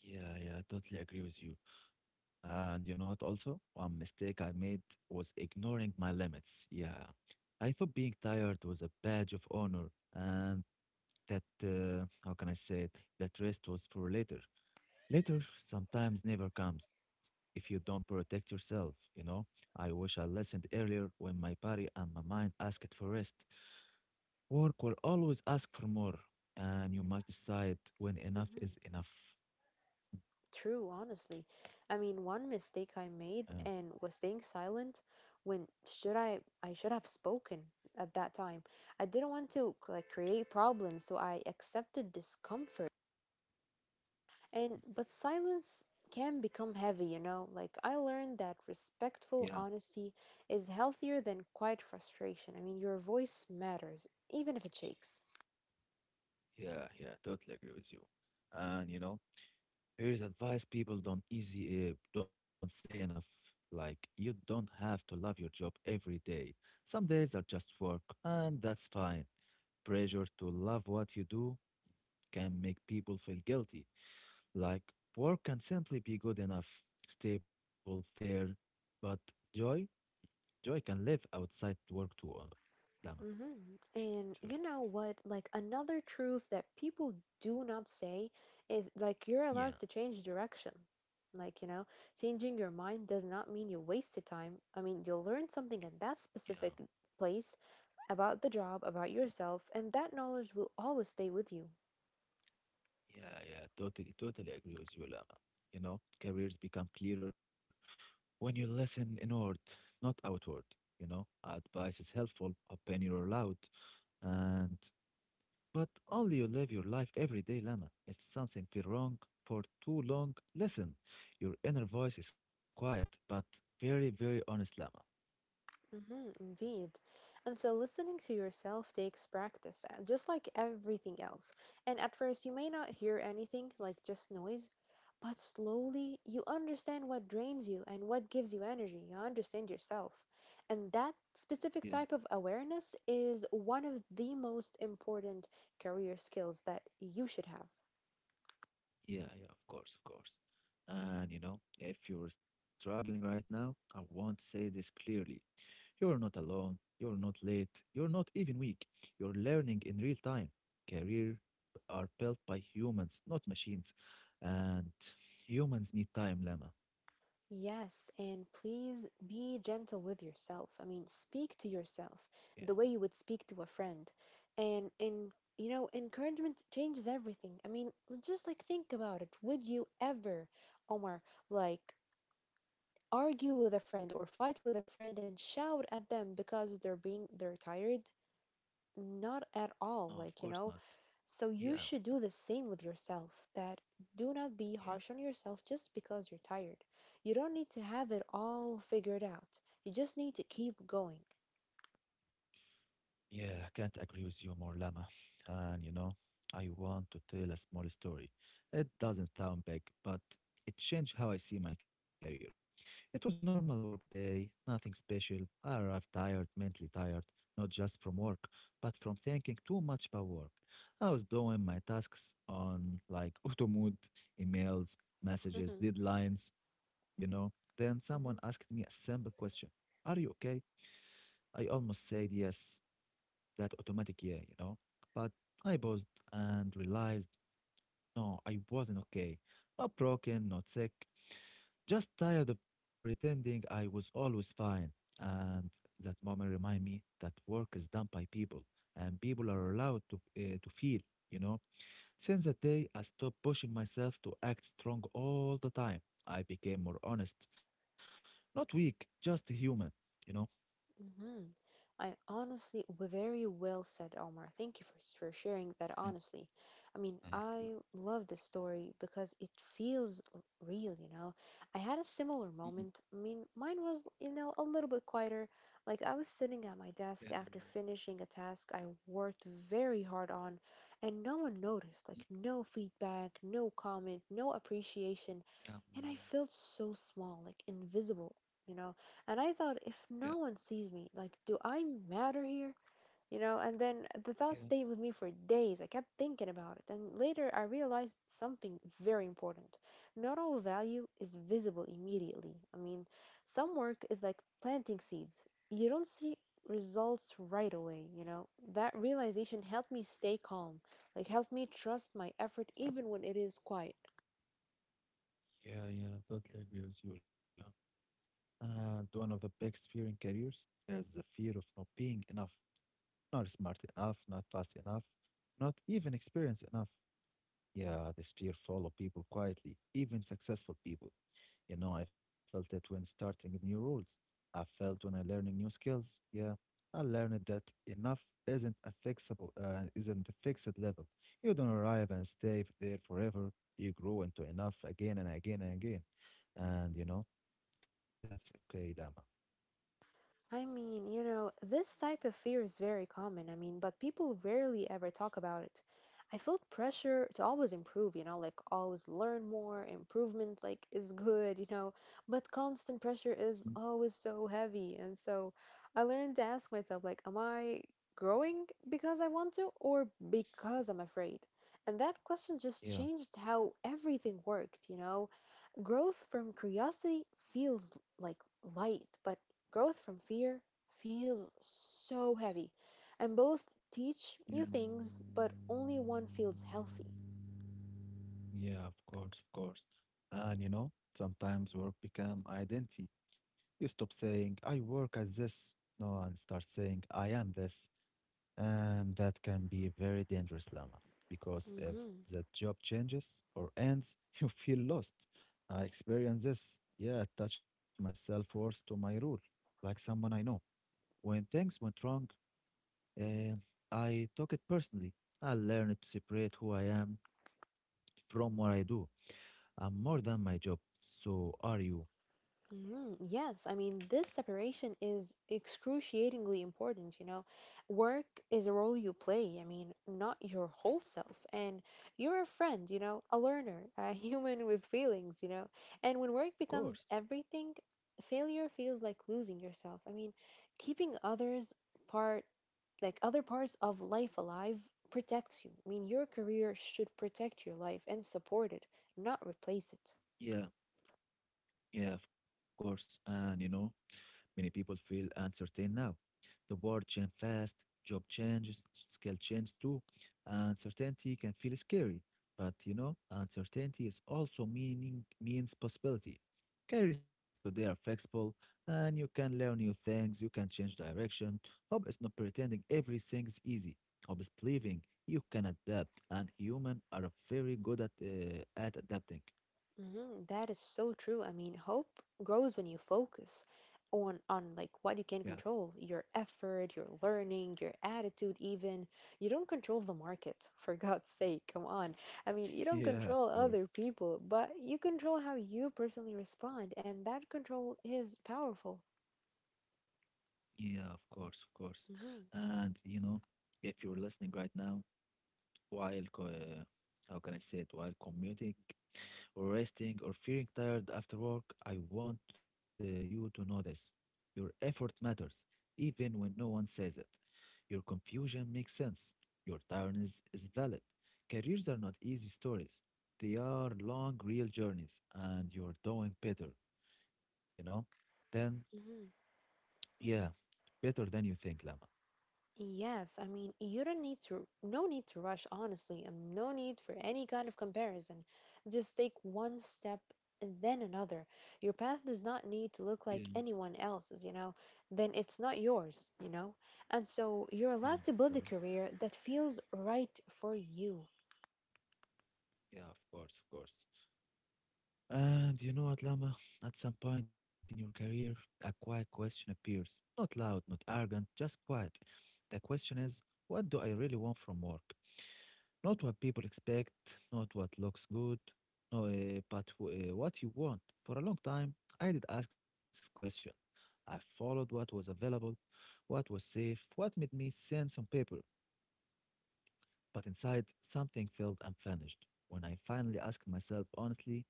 Yeah, yeah, I totally agree with you. And you know what also? One mistake I made was ignoring my limits. Yeah. I thought being tired was a badge of honor and that how can I say it? That rest was for later. Later sometimes never comes if you don't protect yourself, you know. I wish I listened earlier when my body and my mind asked for rest. Work will always ask for more, and you must decide when enough
Mm-hmm.
is enough.
True, honestly. I mean, one mistake I
Uh,
made and was staying silent when should I should have spoken at that time. I didn't want to like create problems, so I accepted discomfort. And but silence can become heavy, you know? Like I learned that
yeah,
respectful honesty is healthier than quiet frustration. I mean, your voice matters, even if it shakes.
yeah, yeah, totally agree with you. And you know, here's advice people don't say enough. Like you don't have to love your job every day. Some days are just work, and that's fine. Pressure to love what you do can make people feel guilty. Like work can simply be good enough, stable, fair, but joy, joy can live outside work too. Lama.
And
Sorry.
you know what? Like another truth that people do not say is like you're
Yeah,
allowed to change direction. Like, you know, changing your mind does not mean you wasted time. I mean, you'll learn something at that
yeah.
specific place about the job, about yourself, and that knowledge will always stay with you.
Yeah, yeah, totally, totally agree with you, Lama. You know, careers become clearer when you listen inward, not outward. You know, advice is helpful, opinion are loud, and but only you live your life every day, Lama. If something feel wrong for too long, listen. Your inner voice is quiet, but very, very honest, Lama.
Indeed. And so listening to yourself takes practice, just like everything else. And at first, you may not hear anything, like just noise, but slowly you understand what drains you and what gives you energy. You understand yourself. And that
Yeah,
specific type of awareness is one of the most important career skills that you should have.
yeah, yeah, of course, of course. And you know, if you're struggling right now, I want to say this clearly. You're not alone. You're not late. You're not even weak. You're learning in real time. Career are built by humans, not machines. And humans need time, Lama.
Yes, and please be gentle with yourself. I mean, speak to yourself
Yeah,
the way you would speak to a friend. And you know, encouragement changes everything. I mean, just like think about it. Would you ever, Omar, like argue with a friend or fight with a friend and shout at them because they're tired? Not at
no,
all.
of
Like,
course
you
not.
know, so you
Yeah.
should do the same with yourself that do not be
Yeah.
harsh on yourself just because you're tired. You don't need to have it all figured out. You just need to keep going.
Yeah, can't agree with you more, Lama. And you know, I want to tell a small story. It doesn't sound big, but it changed how I see my career. It was normal work day, nothing special. I arrived tired, mentally tired, not just from work, but from thinking too much about work. I was doing my tasks on like [LAUGHS] auto mode, emails, messages,
hmm
deadlines, you know. Then someone asked me a simple question. Are you okay? I almost said yes, that automatic yeah, you know. But I paused and realized no, I wasn't okay. Not broken, not sick, just tired of pretending I was always fine. And that moment reminded me that work is done by people and people are allowed to feel, you know. Since that day, I stopped pushing myself to act strong all the time. I became more honest, not weak, just human, you know.
Mhm. I honestly, very well said, Omar. Thank you for, for sharing that
Thank-
honestly. I mean,
uh,
I love this story because it feels real, you know. I had a similar
mhm.
moment. I mean, mine was, you know, a little bit quieter. Like, I was sitting at
[LAUGHS]
my
Yeah,
desk after finishing a task I worked very hard on, and no one noticed. Like, no feedback, no comment, no appreciation.
yeah,
And I felt so small, like invisible, you know. And I thought,
yeah,
if no one sees me, like, do I matter here? You know, and then the
yeah.
thought stayed with me for days. I kept thinking about it. And later I realized something very important. Not all value is visible immediately. I mean, some work is like planting seeds, you don't see results right away, That realization helped me stay calm, like, helped me trust my effort even when it is quiet.
Yeah, yeah, totally agree with you, Lam. And one of the biggest fear in careers is the fear of not being enough, not smart enough, not fast enough, not even experienced enough. Yeah, this fear follow people quietly, even successful people. You know, I felt it when starting new rules. I felt when I learning new skills. Yeah, I learned that enough isn't a isn't a fixed level. You don't arrive and stay there forever. You grow into enough again and again and again. And you know, that's okay, Dama.
I mean, you know, this type of fear is very common. I mean, but people rarely ever talk about it. I felt pressure to always improve, you know, like always learn more, improvement like is good, you know, but constant pressure
Mm.
is always so heavy. And so I learned to ask myself, like, am I growing because I want to or because I'm afraid? And that question just
Yeah.
changed how everything worked, you know? Growth from curiosity feels like light, but growth from fear feels so heavy. And both
Yeah,
teach you things, but only one feels healthy.
yeah, of course, of course. And you know, sometimes work become identity. You stop saying, I work at this, no, and start saying, I am this. And that can be very dangerous, Lama, because if
Mm-hmm.
the job changes or ends, [LAUGHS] you feel lost. I experienced this. Yeah, attach my self-worth to my role, like someone I know. When things went wrong, uh, I took it personally. I learned to separate who I am from what I do. I'm more than my job. So are you?
Mm, yes, I mean, this separation is excruciatingly important, you know. Work is a role you play, I mean, not your whole self. And you're a friend, you know, a learner, a [LAUGHS] human with feelings, you know. And when work
Of
becomes
course.
everything, failure feels like losing yourself. I mean, keeping others part, like other parts of life alive, protects you. I mean, your career should protect your life and support it, not replace it.
Yeah, yeah, of course. And you know, many people feel uncertain now. The world changes fast, job changes, skill changes too. Uncertainty can feel scary, but you know, uncertainty is also meaning means possibility. Careers today are flexible, and you can learn new things. You can change direction. Hope is not pretending everything is easy. Hope is believing you can adapt, and humans are very good at adapting.
Mhm. That is so true. I mean, hope grows when you focus on like what you
Yeah.
can control, your effort, your learning, your attitude even. You don't control the market, [LAUGHS] for God's sake, come on. I mean, you
[LAUGHS]
don't
Yeah, of
control
course.
other people, but you control how you personally respond, and that control is powerful.
Yeah, of course, of course.
hmm
And you know, if you're listening right now, while how can I say it, while commuting or resting or feeling tired after work, I want you to know this. Your effort matters, even when no one says it. Your confusion makes sense. Your tiredness is valid. Careers are not easy stories. They are long, real journeys, and you're doing better, you know? Then,
hmm
yeah, better than you think, Lama.
Yes, I mean, you don't need to, no need to rush, honestly, and no need for any kind of comparison. Just take one step and then another. Your path does not need to look like anyone else's, you know, then it's not yours, you know? And so
Yeah,
you're allowed
of
to
course.
build a career that feels right for you.
Yeah, of course, of course. And you know what, Lama? At some point in your career, a quiet question appears. Not loud, not arrogant, just quiet. The question is, what do I really want from work? Not what people expect, not what looks good, no, but what you want. For a long time, I did ask this question. I followed what was available, what was safe, what made me sense on paper. But inside, something felt unfinished. When I finally asked myself honestly,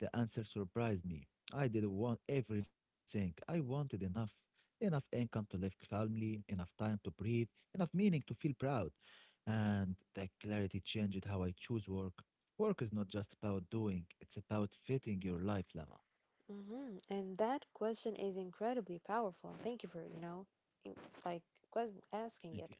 the answer surprised me. I didn't want everything. I wanted enough. Enough income to live calmly, enough time to breathe, enough meaning to feel proud. And that clarity changed how I choose work. Work is not just about doing, it's about fitting your life, Lama.
And that question is incredibly powerful. Thank you for, you know, in- like
Okay.
asking it.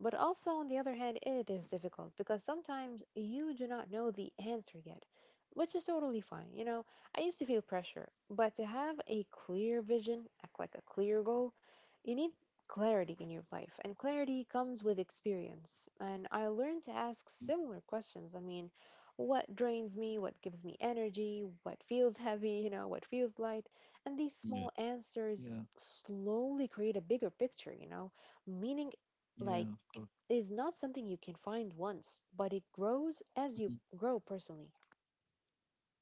But also, on the other hand, it is difficult because sometimes you do not know the answer yet, which is totally fine. You know, I used to feel pressure, but to have a clear vision, act like a clear goal, you need clarity in your life. And clarity comes with experience. And I learned to ask
Mm.
similar questions. I mean, what drains me, what gives me energy, what feels heavy, you know, what feels light. And these
Yeah.
small
Yeah,
answers slowly create a bigger picture, you know, meaning
yeah, of
like
course.
is not something you can find once, but it grows as you
Mhm.
grow personally.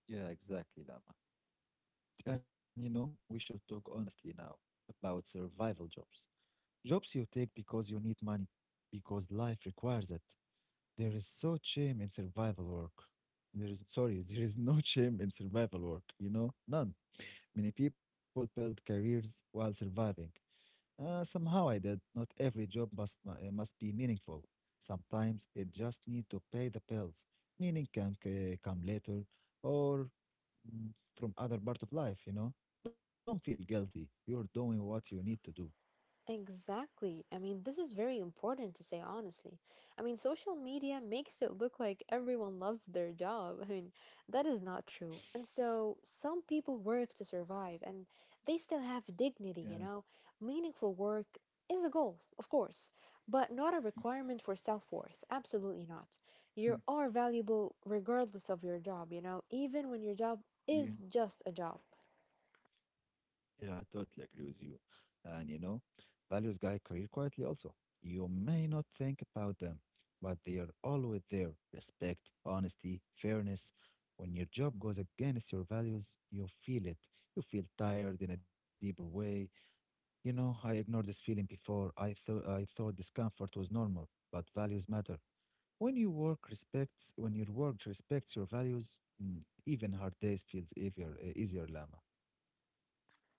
Yeah, exactly, Lama. And you know, we should talk honestly now about survival jobs. Jobs you take because you need money, because life requires it. There is so shame in survival work. There is, sorry, [LAUGHS] there is no shame in survival work, you know, none. Many people build careers while surviving. Somehow I did. Not every job must be meaningful. Sometimes it just need to pay the bills. Meaning can come later or mm, from other part of life, you know. Don't feel guilty. You're doing what you need to do.
Exactly. I mean, this is very important to say honestly. I mean, social media makes it look like everyone loves their job. I mean, that is not true. And so, some people work to survive and they still have
Yeah.
dignity, you know? Meaningful work is a goal, of course, but not a requirement for self-worth. Absolutely not.
Mm.
You are valuable regardless of your job, you know, even when your job
Yeah.
is just a job.
Yeah, I totally agree with you. And you know, values guide career quietly also. You may not think about them, but they are always there. Respect, honesty, fairness. When your job goes against your values, you feel it. You feel tired in a deeper way. You know, I ignored this feeling before. I thought discomfort was normal, but values matter. When your work respects your values, even hard days feels easier, easier, Lama.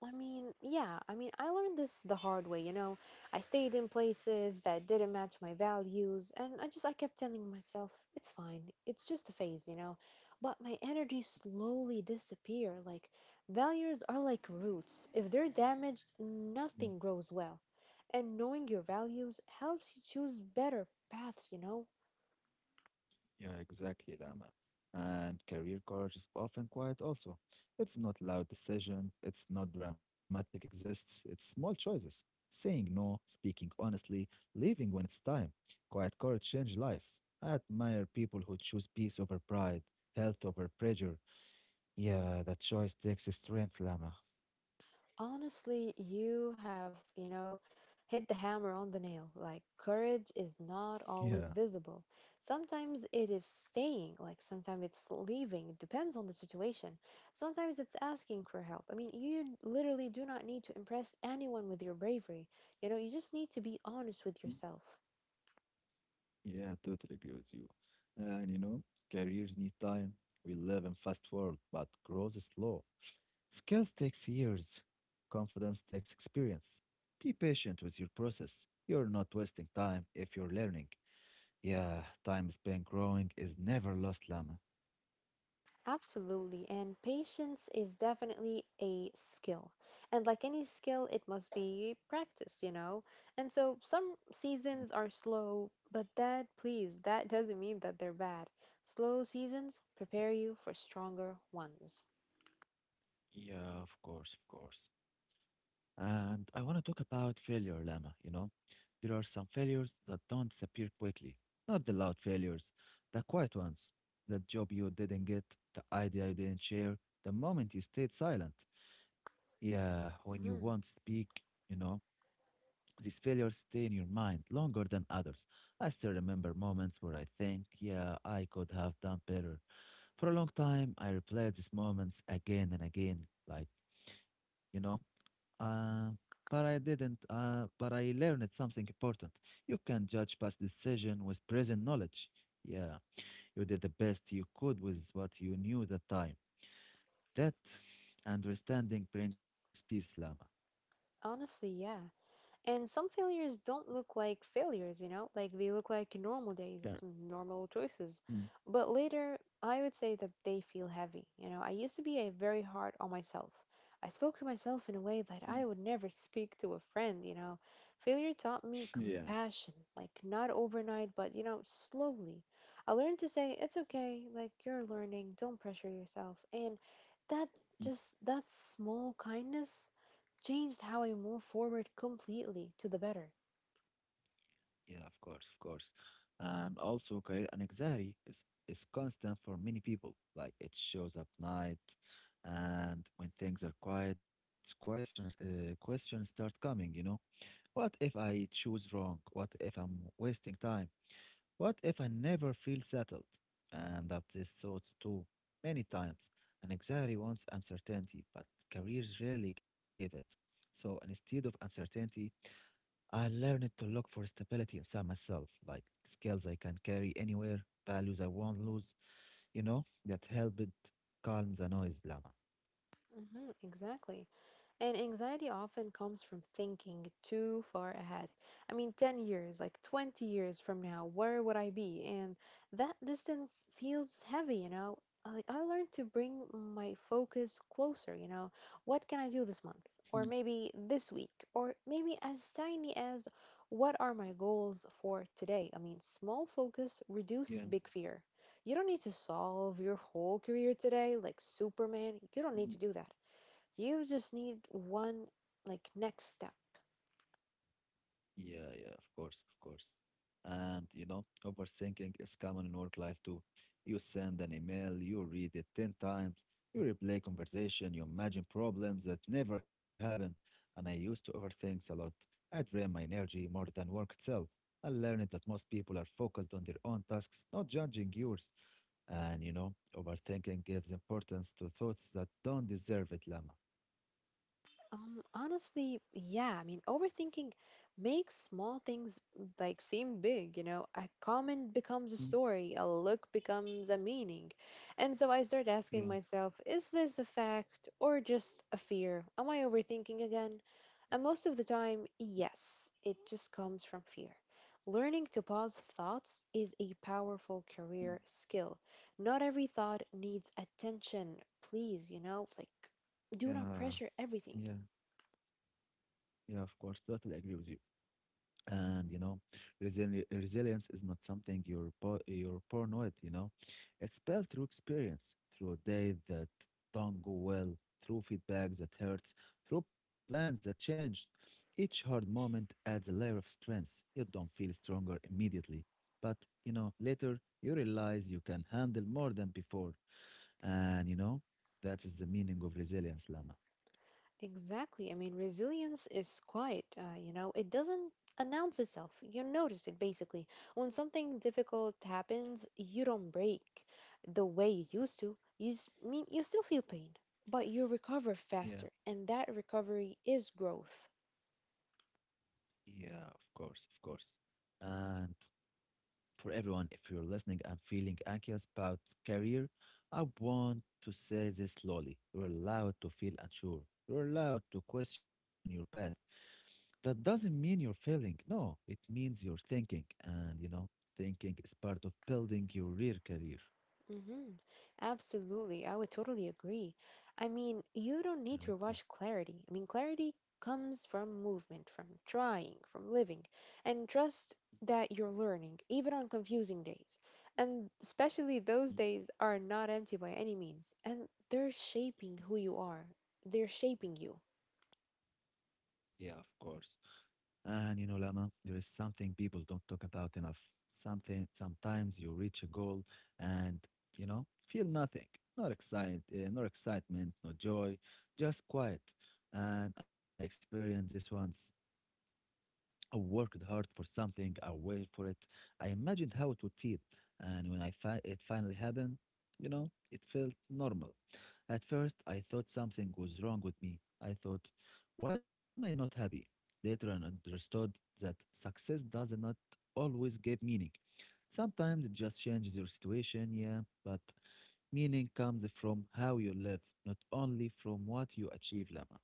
I mean, yeah, I mean, I learned this the hard way, you know. I stayed in places that didn't match my values, and I just I kept telling myself, it's fine. It's just a phase, you know. But my energy slowly disappear. Like, values are like roots. If they're damaged,
Yeah.
nothing grows well. And knowing your values helps you choose better paths, you know.
Yeah, exactly, Lama. And career courage is often quiet also. It's not loud decision, it's not dramatic exists, it's small choices. Saying no, speaking honestly, leaving when it's time. Quiet courage change lives. I admire people who choose peace over pride, health over pressure. Yeah, that choice takes strength, Lama. [LAUGHS]
Honestly, you have, you know, hit the hammer on the nail. Like, courage is not
Yeah.
always visible. Sometimes it is staying, like, sometimes it's leaving. It depends on the situation. Sometimes it's asking for help. I mean, you literally do not need to impress anyone with your bravery. You know, you just need to be honest
Mm.
with yourself.
Yeah, totally agree with you. And you know, careers need time. We live in fast world, but growth is slow. Skills takes years, confidence takes experience. Be patient with your process. You're not wasting time if you're learning. Yeah, time spent growing is never lost, Lama.
Absolutely, and patience is definitely a skill. And like any skill, it must be practiced, you know? And so some seasons are slow, but that, please, that [LAUGHS] doesn't mean that they're bad. Slow seasons prepare you for stronger ones.
Yeah, of course, of course. And I want to talk about failure, Lama. You know, there are some failures that don't disappear quickly. Not the loud failures, the quiet ones. The job you didn't get, the idea you didn't share, the moment you stayed silent. Yeah, when you won't
hmm
speak, you know. These failures stay in your mind longer than others. I still remember moments where I think, yeah, I could have done better. For a long time, I replayed these moments again and again, like, you know, uh, but I didn't, but I learned something important. You can judge past decision with present knowledge. Yeah, you did the best you could with what you knew at the time. That understanding brings peace, Lama.
Honestly, yeah. And some failures don't look like failures, you know, like they look like normal
Yeah.
days, normal choices.
Mm.
But later, I would say that they feel heavy. You know, I used to be a very hard on myself. I spoke to myself in a way that
[LAUGHS]
I would never speak to a friend, you know. Failure taught me
Yeah.
compassion, like not overnight, but you know, slowly. I learned to say, it's okay, like you're learning, don't pressure yourself. And that just, that small kindness changed how I move forward completely to the better.
Yeah, of course, of course. And also career anxiety is constant for many people. Like it shows up night and when things are quiet, questions start coming, you know. What if I choose wrong? What if I'm wasting time? What if I never feel settled? And that these thoughts too many times. Anxiety wants uncertainty, but careers rarely give it. So instead of uncertainty, I learned to look for stability inside myself, like skills I can carry anywhere, values I won't lose, you know, that helped calm the noise, Lama.
Exactly. And anxiety often comes from thinking too far ahead. I mean, 10 years, like 20 years from now, where would I be? And that distance feels heavy, you know? Like, I learned to bring my focus closer, you know? What can I do this month? Or maybe this week? Or maybe as tiny as, what are my goals for today? I mean, small focus
Yeah.
reduce big fear. You don't need to solve your whole career today like Superman. You don't need to do that. You just need one like next step.
Yeah, yeah, of course, of course. And you know, overthinking is common in work life too. You send an email, you read it 10 times, you replay conversation, you imagine problems that never happen. And I used to overthink a lot. I drain my energy more than work itself. I learned that most people are focused on their own tasks, not judging yours. And you know, overthinking gives importance to thoughts that don't deserve it, Lama.
Honestly, yeah. I mean, overthinking makes small things like seem big, you know. A comment
Mm.
becomes a story, a look becomes a meaning. And so I start
Yeah.
asking myself, is this a fact or just a fear? Am I overthinking again? And most of the time, yes, it just comes from fear. Learning to pause thoughts is a powerful
Mm.
career skill. Not every thought needs attention, please, you know, like do not
Yeah.
pressure everything.
Yeah. Yeah, of course, totally agree with you. And you know, resilience is not something you're born with, you know. It's built through experience, through a day that don't go well, through feedback that hurts, through plans that change. Each hard moment adds a layer of strength. You don't feel stronger immediately, but you know, later you realize you can handle more than before. And you know, that is the meaning of resilience, Lama.
Exactly. I mean, resilience is quiet, you know, it doesn't announce itself. You notice it basically. When something difficult happens, you don't break the way you used to. You mean you still feel pain, but you recover
Yeah,
faster, and that recovery is growth.
yeah, of course, of course. And for everyone, if you're listening and feeling anxious about career, I want to say this slowly. You're allowed to feel unsure. You're allowed to question your path. That doesn't mean you're failing. No, it means you're thinking. And, you know, thinking is part of building your real career.
hmm Absolutely. I would totally agree. I mean, you don't need
And,
to
uh,
rush clarity. I mean, clarity comes from movement, from trying, from living, and trust that you're learning, even on confusing days. And especially those days are not empty by any means, and they're shaping you.
Yeah, of course. And you know, Lama, there is something people don't talk about enough. Something sometimes you reach a goal and you know feel nothing, not excitement, no joy, just quiet. And I experienced this once. I worked hard for something, I waited for it. I imagined how it would feel. And when it finally happened, you know, it felt normal. At first, I thought something was wrong with me. I thought, why am I not happy? Later, I understood that success does not always give meaning. Sometimes it just changes your situation, yeah, but meaning comes from how you live, not only from what you achieve, Lama.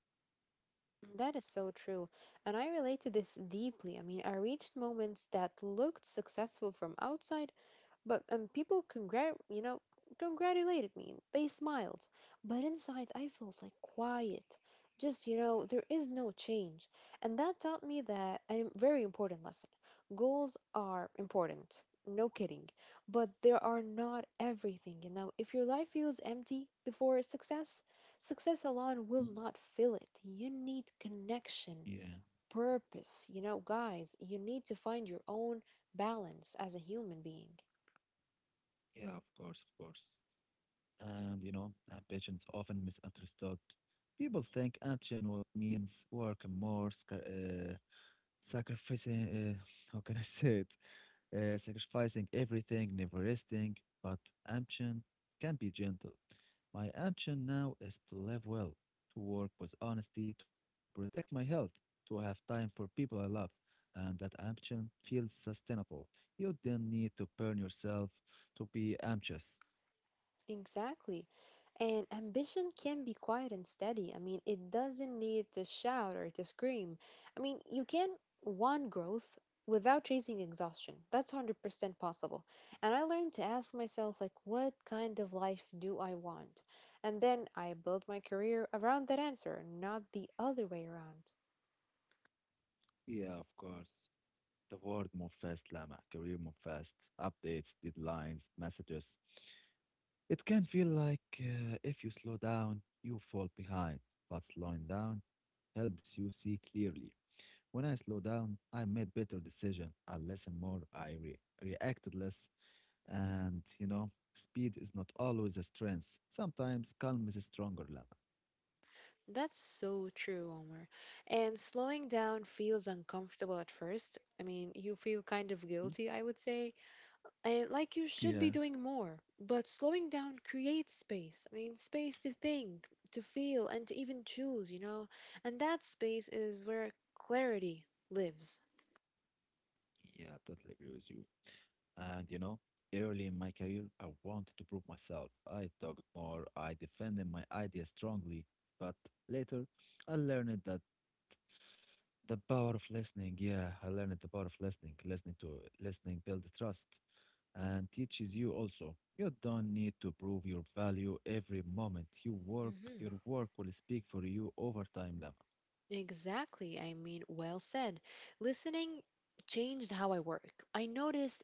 That is so true. And I relate to this deeply. I mean, I reached moments that looked successful from outside. But people congrat congratulated me. They smiled, but inside I felt like quiet. Just, you know, there is no change, and that taught me that a very important lesson. Goals are important, no kidding, but they are not everything. You know, if your life feels empty before success, success alone will
Mm.
not fill it. You need
Yeah,
connection, purpose. You know, guys, you need to find your own balance as a human being.
yeah, of course, of course. And you know, ambition is often misunderstood. People think ambition means working more, sacrificing, [LAUGHS] how can I say it? Sacrificing everything, never resting. But ambition can be gentle. My ambition now is to live well, to work with honesty, to protect my health, to have time for people I love. And that ambition feels sustainable. You don't need to burn yourself to be ambitious.
Exactly. And ambition can be quiet and steady. I mean, it doesn't need to shout or to scream. I mean, you can want growth without chasing exhaustion. That's 100% possible. And I learned to ask myself, like, what kind of life do I want? And then I built my career around that answer, not the other way around.
Yeah, of course. The world move fast, Lama. Career move fast. Updates, deadlines, messages. It can feel like if you slow down, you fall behind. But slowing down helps you see clearly. When I slow down, I made better decision. I listened more. Reacted less. And you know, speed is not always a strength. Sometimes calm is stronger, Lama.
That's so true, Omar. And slowing down feels uncomfortable at first. I mean, you feel kind
Mm?
of guilty, I would say. And like you
Yeah,
should be doing more, but slowing down creates space. I mean, space to think, to feel, and to even choose, you know? And that space is where clarity lives.
yeah, I totally agree with you. And you know, early in my career, I wanted to prove myself. I talked more, I defended my ideas strongly. But later, I learned that the power of listening. Yeah, I learned the power of listening. Listening to listening builds trust and teaches you also. You don't need to prove your value every moment. You work,
hmm
your work will speak for you over time, Lama.
Exactly. I mean, well said. Listening changed how I work. I noticed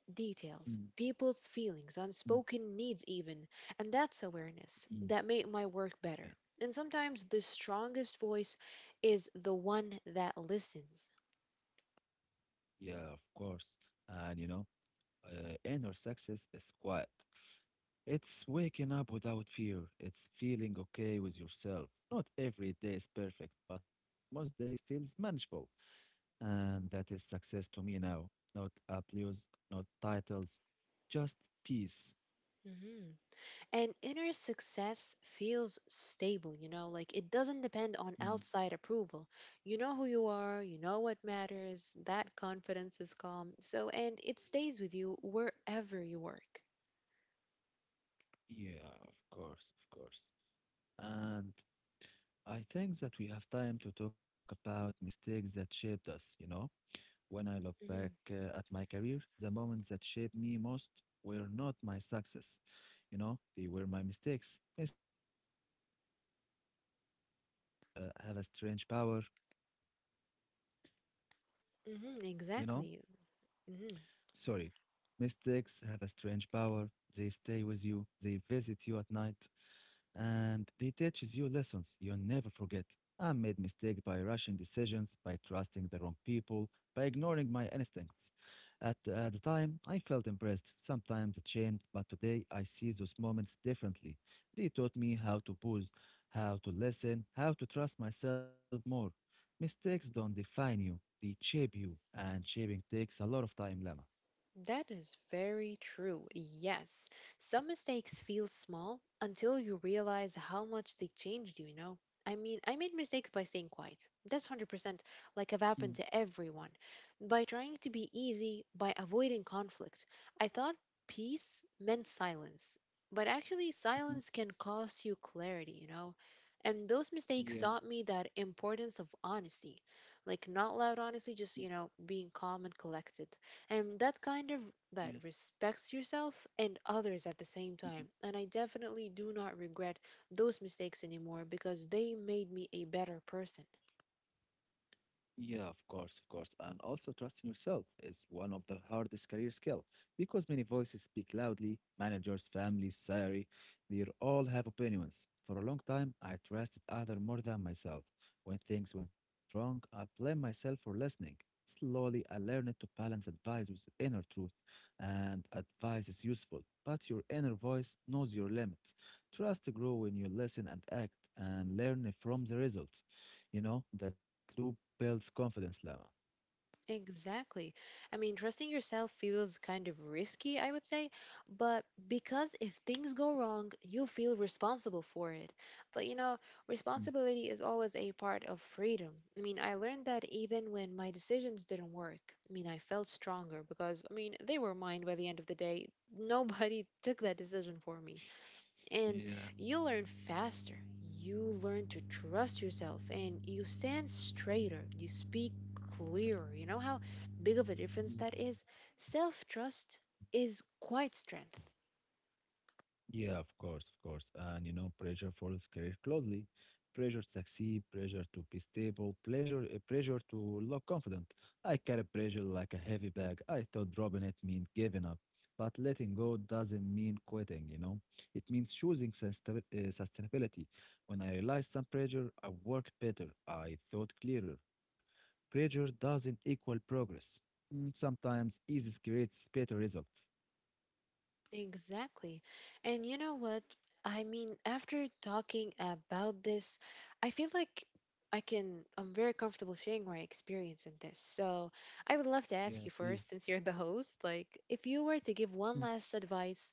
Mm,
details, people's feelings,
mm,
unspoken needs, even. And that's awareness
mm.
that made my work
Yeah,
better. And sometimes the strongest voice is the one that listens.
yeah, of course. And inner success is quiet. It's waking up without fear. It's feeling okay with yourself. Not every day is perfect, but most days feels manageable. And that is success to me now. Not applause, not titles, just peace.
Mhm. And inner success feels stable, you know, like it doesn't depend on
Mm.
outside approval. You know who you are, you know what matters, that confidence is calm. So, and it stays with you wherever you work.
Yeah, of course, of course. And I think that we have time to talk about mistakes that shaped us, you know? When I look back
hmm
at my career, the moments that shaped me most were not my success. You know, they were my mistakes. Have a strange power, you know?
exactly.
Sorry.
hmm
Mistakes have a strange power. They stay with you. They visit you at night, and they teaches you lessons you never forget. I made mistakes by rushing decisions, by trusting the wrong people, by ignoring my instincts. At the time, I felt impressed, sometimes ashamed, but today I see those moments differently. They taught me how to pause, how to listen, how to trust myself more. Mistakes don't define you, they shape you, and shaping takes a lot of time, Lama.
That is very true. Yes. Some mistakes feel small until you realize how much they changed you, you know? I mean, I made mistakes by staying quiet. That's 100% like have
Mhm,
happened to everyone. By trying to be easy, by avoiding conflict. I thought peace meant silence, but actually, silence
mhm.
can cost you clarity, you know? And those mistakes taught
Yeah.
me that importance of honesty. Like, not loud honesty,
Mhm.
just, you know, being calm and collected, and that kind of
Yeah.
that respects yourself and others at the same
Mhm.
time. And I definitely do not regret those mistakes anymore because they made me a better person.
Yeah, of course, of course. And also trusting yourself is one of the hardest career skill, because many voices speak loudly, managers, families, salary, they all have opinions. For a long time, I trusted others more than myself. When things went wrong, I blamed myself for listening. Slowly, I learned to balance advice with inner truth, and advice is useful, but your inner voice knows your limits. Trust grow when you listen and act and learn from the results. That loop builds confidence level.
Exactly. I mean, trusting yourself feels kind of risky, I would say, but because if things go wrong, you feel responsible for it. But you know,
Mm.
responsibility is always a part of freedom. I mean, I learned that even when my decisions didn't work. I mean, I felt stronger because, I mean, they were mine by the end of the day. Nobody [LAUGHS] took that decision for me, and
Yeah.
you learn faster. You learn to trust yourself and you stand straighter. You speak clearer. You know how big of a difference that is? Self trust is quite strength.
Yeah, of course, of course. And you know, pressure follows career closely. Pressure to succeed, pressure to be stable, pressure to look confident. I carry pressure like a heavy bag. I thought dropping it meant giving up, but letting go doesn't mean quitting, you know? It means choosing sustainability. When I realized some pressure, I worked better. I thought clearer. Pressure doesn't equal progress. Mm, sometimes ease creates better results.
Exactly. And you know what? I mean, after talking about this, I feel like I can, I'm very comfortable sharing my experience in this. So I would love to
Yeah,
ask you
please.
first, since you're the host, like, if you were to give
Mm.
one last advice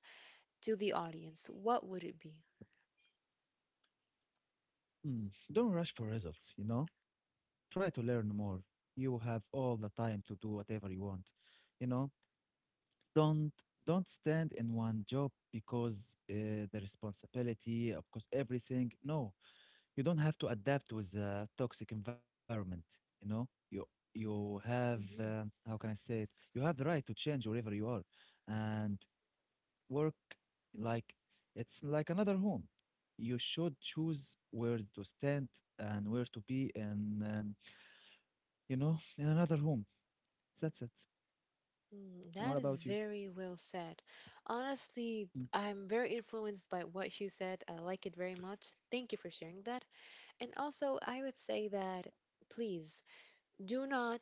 to the audience, what would it be?
Mm, don't rush for results, you know? Try to learn more. You have all the time to do whatever you want. You know, don't don't stand in one job because the responsibility, of course, everything. No, you don't have to adapt with a toxic environment, you know? You have
Mhm.
how can I say it? You have the right to change wherever you are. And work, like, it's like another home. You should choose where to stand and where to be in, you know, in another home. That's it.
Mm,
And
that
what
is
about you?
very well said. Honestly,
Mm.
I'm very influenced by what you said. I like it very much. Thank you for sharing that. And also, I would say that please do not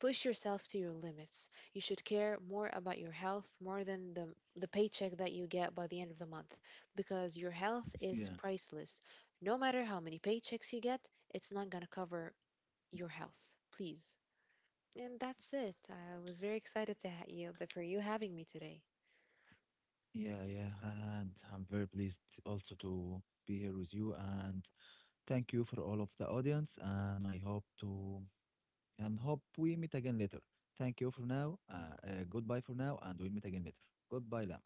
push yourself to your limits. You should care more about your health more than the paycheck that you get by the end of the month, because your health is
Yeah.
priceless. No matter how many paychecks you get, it's not going to cover your health. Please. And that's it. I was very excited to you having me today.
Yeah, yeah, and I'm very pleased also to be here with you, and thank you for all of the audience, and I hope to and hope we meet again later. Thank you for now. Goodbye for now and we'll meet again later. Goodbye, Lam.